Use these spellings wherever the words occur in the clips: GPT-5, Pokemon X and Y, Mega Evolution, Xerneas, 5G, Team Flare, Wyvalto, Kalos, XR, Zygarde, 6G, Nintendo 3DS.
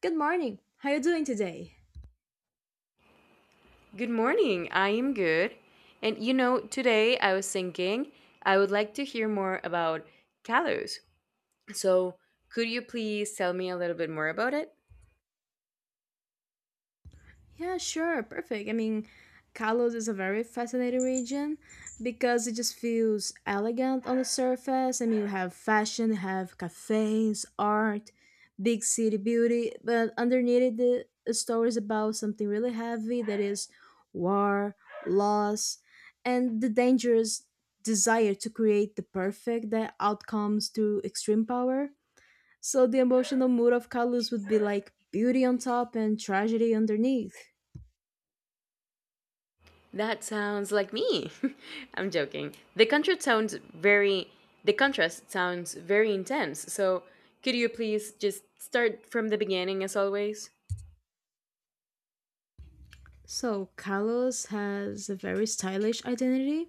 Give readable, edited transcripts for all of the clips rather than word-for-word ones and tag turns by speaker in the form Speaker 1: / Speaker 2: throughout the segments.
Speaker 1: Good morning. How you doing today?
Speaker 2: Good morning. I am good. And you know, today I was thinking I would like to hear more about Kalos. So, could you please tell me a little bit more about it?
Speaker 1: Yeah, sure. Perfect. Kalos is a very fascinating region because it just feels elegant on the surface. You have fashion, you have cafes, art, big city beauty, but underneath it, the story is about something really heavy that is war, loss, and the dangerous desire to create the perfect that outcomes through extreme power. So the emotional mood of Kalos would be like beauty on top and tragedy underneath.
Speaker 2: That sounds like me. I'm joking. The contrast sounds very intense. So, could you please just start from the beginning as always?
Speaker 1: So Kalos has a very stylish identity.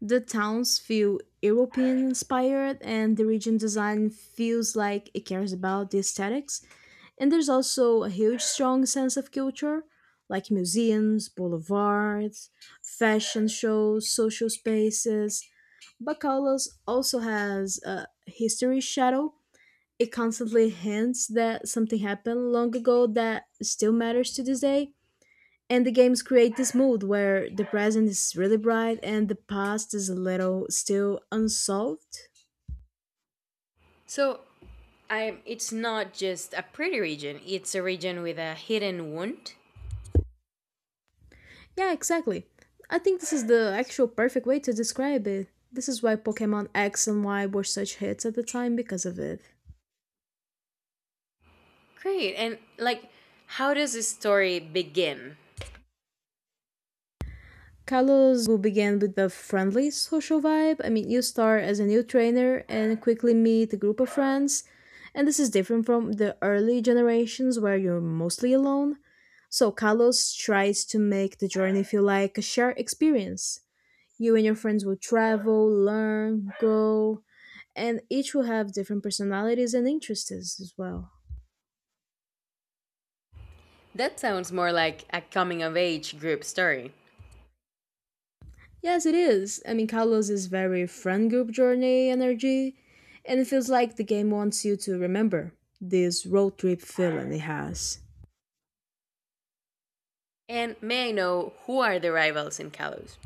Speaker 1: The towns feel European inspired and the region design feels like it cares about the aesthetics. And there's also a huge strong sense of culture, like museums, boulevards, fashion shows, social spaces. But Kalos also has a history shadow. It constantly hints that something happened long ago that still matters to this day. And the games create this mood where the present is really bright and the past is a little still unsolved.
Speaker 2: So, I it's not just a pretty region. It's a region with a hidden wound.
Speaker 1: Yeah, exactly. I think this is the actual perfect way to describe it. This is why Pokemon X and Y were such hits at the time because of it.
Speaker 2: Great. How does this story begin?
Speaker 1: Carlos will begin with the friendly social vibe. You start as a new trainer and quickly meet a group of friends, and this is different from the early generations where you're mostly alone. So, Carlos tries to make the journey feel like a shared experience. You and your friends will travel, learn, grow, and each will have different personalities and interests as well.
Speaker 2: That sounds more like a coming of age group story.
Speaker 1: Yes, it is. Kalos is very friend group journey energy, and it feels like the game wants you to remember this road trip feeling it has.
Speaker 2: And may I know who are the rivals in Kalos?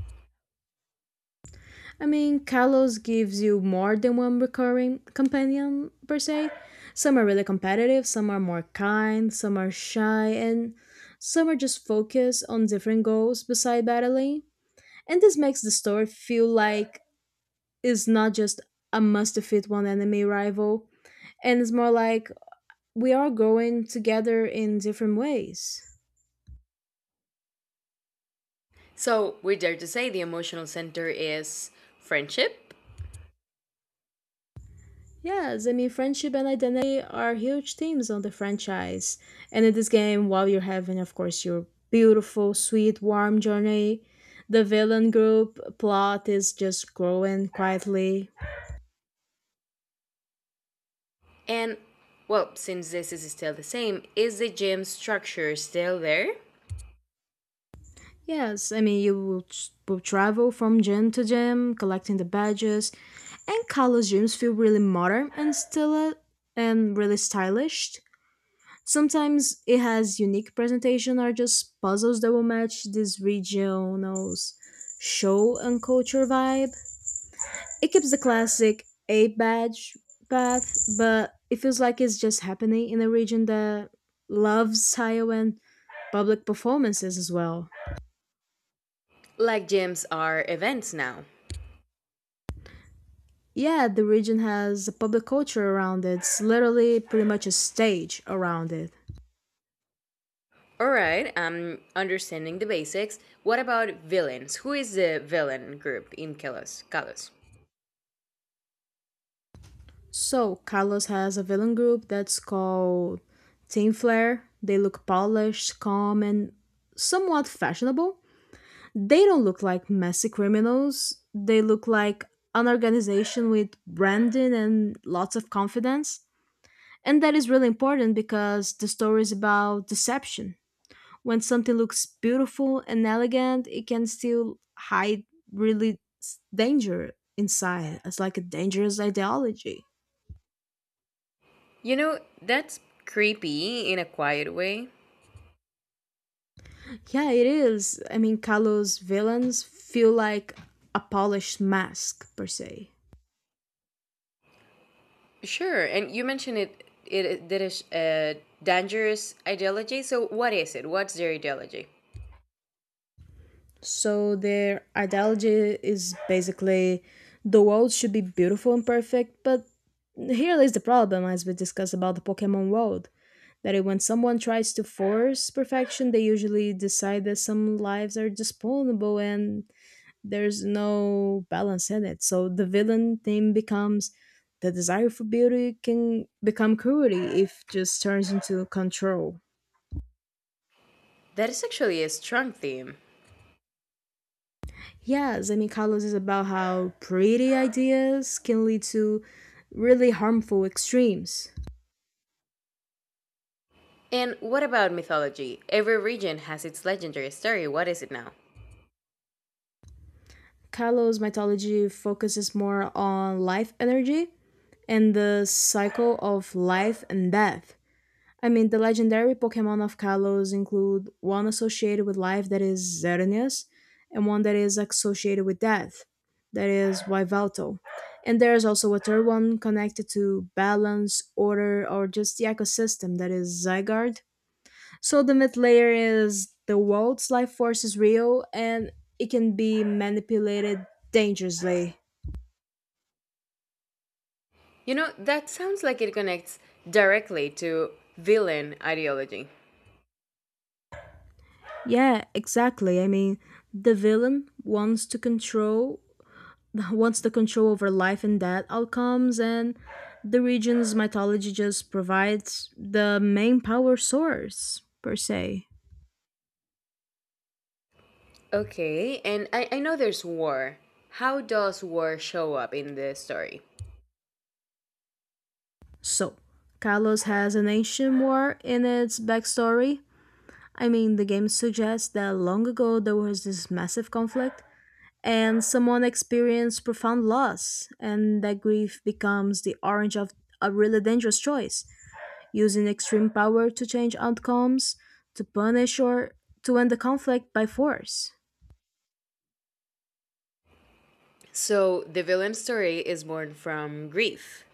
Speaker 1: Kalos gives you more than one recurring companion per se. Some are really competitive, some are more kind, some are shy, and some are just focused on different goals beside battling. And this makes the story feel like it's not just a must defeat one enemy rival, and it's more like we are growing together in different ways.
Speaker 2: So, we dare to say the emotional center is friendship.
Speaker 1: Yes, friendship and identity are huge themes on the franchise. And in this game, while you're having, of course, your beautiful, sweet, warm journey, the villain group plot is just growing quietly.
Speaker 2: And, well, since this is still the same, is the gym structure still there?
Speaker 1: Yes, I mean, you will, will travel from gym to gym, collecting the badges, and college gyms feel really modern and still and really stylish. Sometimes it has unique presentation or just puzzles that will match this regional's show and culture vibe. It keeps the classic A badge path, but it feels like it's just happening in a region that loves style and public performances as well.
Speaker 2: Like, gyms are events now.
Speaker 1: Yeah, the region has a public culture around it. It's literally pretty much a stage around it.
Speaker 2: Alright, I'm understanding the basics. What about villains? Who is the villain group in Kalos? Kalos.
Speaker 1: So, Carlos has a villain group that's called Team Flare. They look polished, calm, and somewhat fashionable. They don't look like messy criminals. They look like an organization with branding and lots of confidence. And that is really important because the story is about deception. When something looks beautiful and elegant, it can still hide really danger inside. It's like a dangerous ideology.
Speaker 2: You know, that's creepy in a quiet way.
Speaker 1: Yeah, it is. Kalo's villains feel like a polished mask, per se.
Speaker 2: Sure, and you mentioned it. That is a dangerous ideology. So, what is it? What's their ideology?
Speaker 1: So their ideology is basically the world should be beautiful and perfect, but here is the problem, as we discussed about the Pokemon world. That it, when someone tries to force perfection, they usually decide that some lives are disposable and there's no balance in it. So the villain theme becomes the desire for beauty can become cruelty if just turns into control.
Speaker 2: That is actually a strong theme.
Speaker 1: Yeah, Zemikalos is about how pretty ideas can lead to really harmful extremes.
Speaker 2: And what about mythology? Every region has its legendary story. What is it now?
Speaker 1: Kalos mythology focuses more on life energy and the cycle of life and death. The legendary Pokemon of Kalos include one associated with life that is Xerneas, and one that is associated with death, that is Wyvalto. And there is also a third one connected to balance, order, or just the ecosystem, that is Zygarde. So the myth layer is the world's life force is real and it can be manipulated dangerously.
Speaker 2: You know, that sounds like it connects directly to villain ideology.
Speaker 1: Yeah, exactly. I mean, the villain wants to control wants the control over life and death outcomes, and the region's mythology just provides the main power source, per se.
Speaker 2: Okay, and I know there's war. How does war show up in the story?
Speaker 1: So, Kalos has an ancient war in its backstory. The game suggests that long ago there was this massive conflict, and someone experienced profound loss, and that grief becomes the orange of a really dangerous choice using extreme power to change outcomes, to punish or to end the conflict by force.
Speaker 2: So the villain story is born from grief.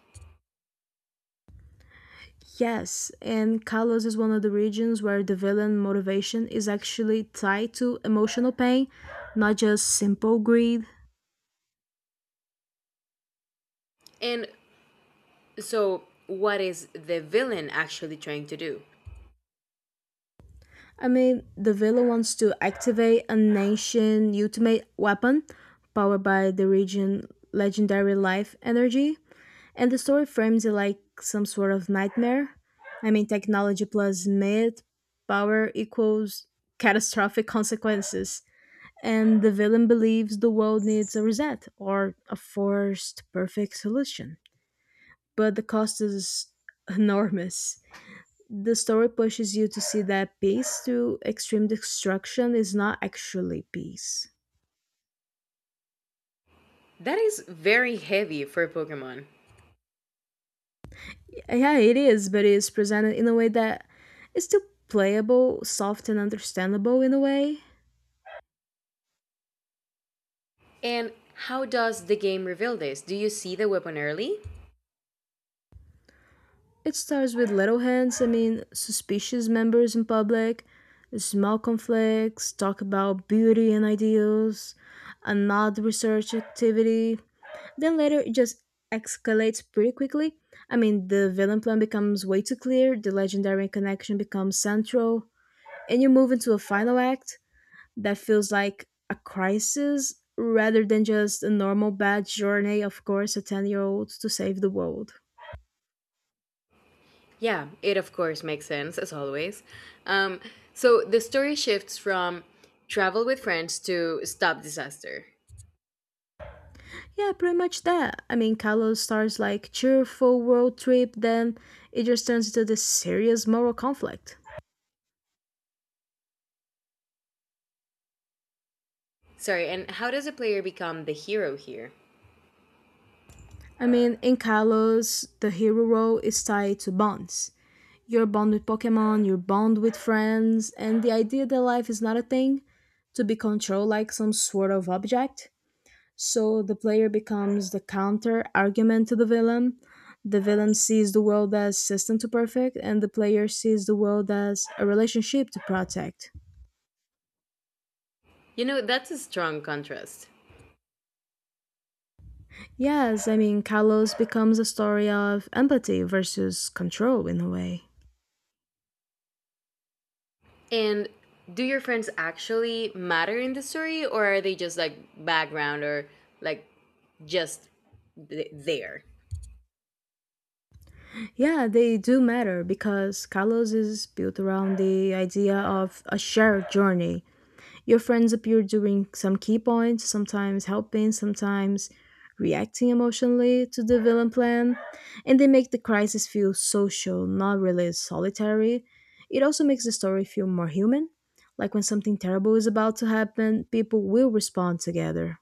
Speaker 1: Yes, and Kalos is one of the regions where the villain motivation is actually tied to emotional pain, not just simple greed.
Speaker 2: And so what is the villain actually trying to do?
Speaker 1: The villain wants to activate an ancient ultimate weapon powered by the region legendary life energy. And the story frames it like some sort of nightmare. I mean, technology plus myth, power equals catastrophic consequences. And the villain believes the world needs a reset or a forced perfect solution. But the cost is enormous. The story pushes you to see that peace through extreme destruction is not actually peace.
Speaker 2: That is very heavy for Pokemon.
Speaker 1: Yeah, it is, but it's presented in a way that is still playable, soft, and understandable in a way.
Speaker 2: And how does the game reveal this? Do you see the weapon early?
Speaker 1: It starts with little hints, I mean, suspicious members in public, small conflicts, talk about beauty and ideals, an odd research activity. Then later it just escalates pretty quickly. The villain plan becomes way too clear, the legendary connection becomes central, and you move into a final act that feels like a crisis rather than just a normal bad journey of course a 10-year-old year old to save the world.
Speaker 2: Yeah, it of course makes sense, as always. Um, so the story shifts from travel with friends to stop disaster.
Speaker 1: Yeah, pretty much that. Kylo starts like cheerful world trip, then it just turns into this serious moral conflict.
Speaker 2: Sorry, and how does a player become the hero here?
Speaker 1: I mean, in Kalos, the hero role is tied to bonds. Your bond with Pokemon, your bond with friends, and the idea that life is not a thing to be controlled like some sort of object. So the player becomes the counter argument to the villain. The villain sees the world as system to perfect, and the player sees the world as a relationship to protect.
Speaker 2: You know, that's a strong contrast.
Speaker 1: Yes, Kalos becomes a story of empathy versus control in a way.
Speaker 2: And do your friends actually matter in the story, or are they just background, or like just there?
Speaker 1: Yeah, they do matter because Kalos is built around the idea of a shared journey. Your friends appear during some key points, sometimes helping, sometimes reacting emotionally to the villain plan, and they make the crisis feel social, not really solitary. It also makes the story feel more human. Like when something terrible is about to happen, people will respond together.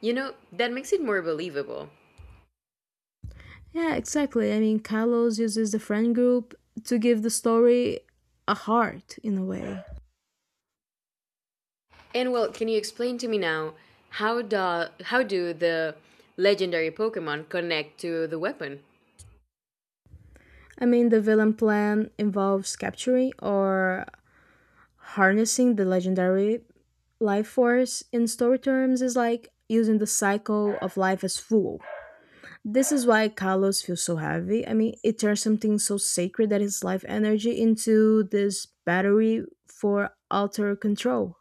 Speaker 2: You know, that makes it more believable.
Speaker 1: Yeah, exactly. Kalos uses the friend group to give the story a heart in a way.
Speaker 2: And well, can you explain to me now how do the legendary Pokemon connect to the weapon?
Speaker 1: The villain plan involves capturing or harnessing the legendary life force in story terms is like using the cycle of life as fuel. This is why Kalos feels so heavy. It turns something so sacred that is life energy into this battery for outer control.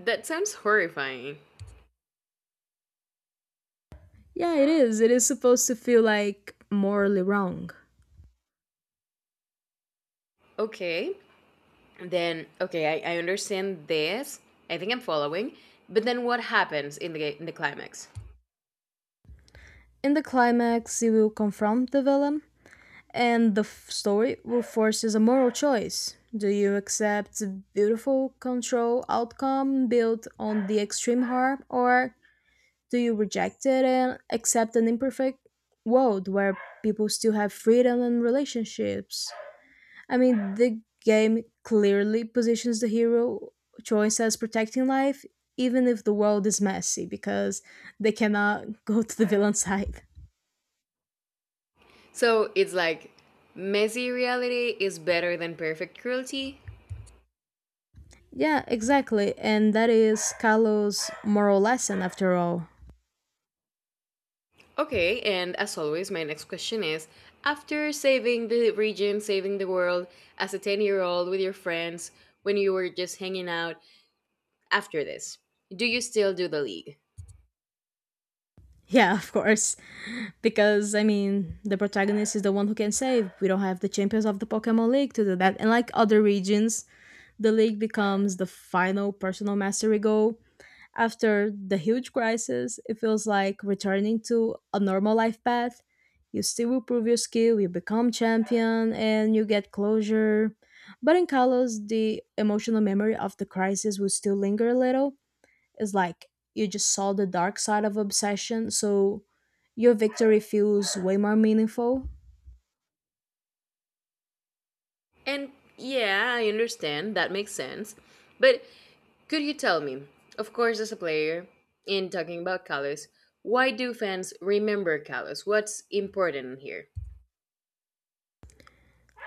Speaker 2: That sounds horrifying.
Speaker 1: Yeah, it is. It is supposed to feel like morally wrong.
Speaker 2: Okay, then okay, I understand this. I think I'm following. But then what happens in the climax?
Speaker 1: In the climax, he will confront the villain, and the story will force us a moral choice. Do you accept the beautiful control outcome built on the extreme harm, or do you reject it and accept an imperfect world where people still have freedom and relationships? I mean, the game clearly positions the hero choice as protecting life, even if the world is messy, because they cannot go to the villain side.
Speaker 2: So it's like messy reality is better than perfect cruelty?
Speaker 1: Yeah, exactly. And that is Kalo's moral lesson after all.
Speaker 2: Okay, and as always, my next question is, after saving the region, saving the world as a 10-year-old year old with your friends when you were just hanging out, after this, do you still do the league?
Speaker 1: Yeah, of course. Because, I mean, the protagonist is the one who can save. We don't have the champions of the Pokemon League to do that. And like other regions, the league becomes the final personal mastery goal. After the huge crisis, it feels like returning to a normal life path. You still improve your skill, you become champion, and you get closure. But in Kalos, the emotional memory of the crisis will still linger a little. It's like you just saw the dark side of obsession, so your victory feels way more meaningful.
Speaker 2: And yeah, I understand, that makes sense. But could you tell me, of course, as a player, in talking about Kalos, why do fans remember Kalos? What's important here?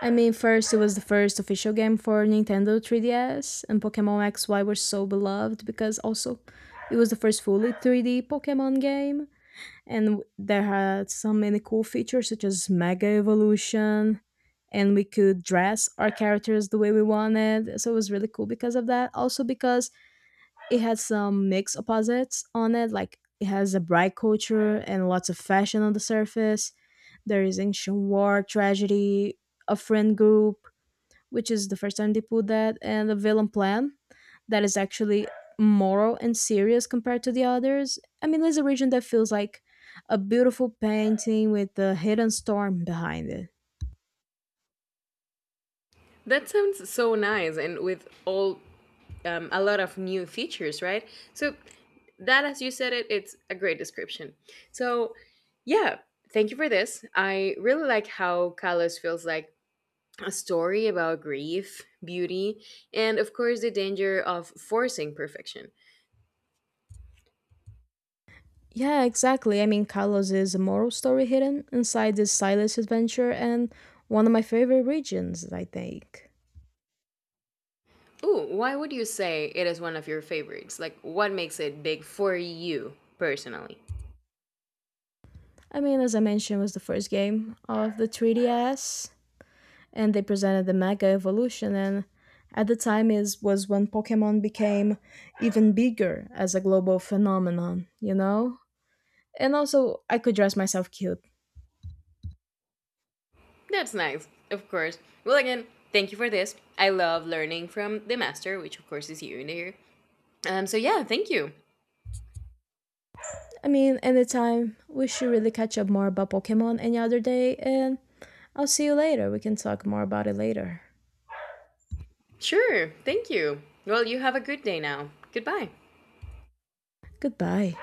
Speaker 1: I mean, first, it was the first official game for Nintendo 3DS, and Pokemon XY were so beloved because also it was the first fully 3D Pokemon game, and there had so many cool features such as Mega Evolution, and we could dress our characters the way we wanted. So it was really cool because of that. Also, because it had some mixed opposites on it, like it has a bright culture and lots of fashion on the surface. There is ancient war, tragedy, a friend group, which is the first time they put that, and the villain plan that is actually moral and serious compared to the others. There's a region that feels like a beautiful painting with a hidden storm behind it.
Speaker 2: That sounds so nice and with all a lot of new features, right? So that, as you said it, it's a great description. So yeah, thank you for this. I really like how Kalos feels like a story about grief, beauty, and of course the danger of forcing perfection.
Speaker 1: Yeah, exactly. Kalos is a moral story hidden inside this Silas adventure and one of my favorite regions, I think.
Speaker 2: Ooh, why would you say it is one of your favorites? Like what makes it big for you personally?
Speaker 1: I mean, as I mentioned, was the first game of the 3DS, and they presented the Mega Evolution. And at the time, is was when Pokemon became even bigger as a global phenomenon. You know. And also, I could dress myself cute.
Speaker 2: That's nice, of course. Well, again, thank you for this. I love learning from the master, which of course is you in here. So yeah, thank you.
Speaker 1: I mean, anytime we should really catch up more about Pokemon any other day, and I'll see you later. We can talk more about it later.
Speaker 2: Sure, thank you. Well, you have a good day now. Goodbye.
Speaker 1: Goodbye.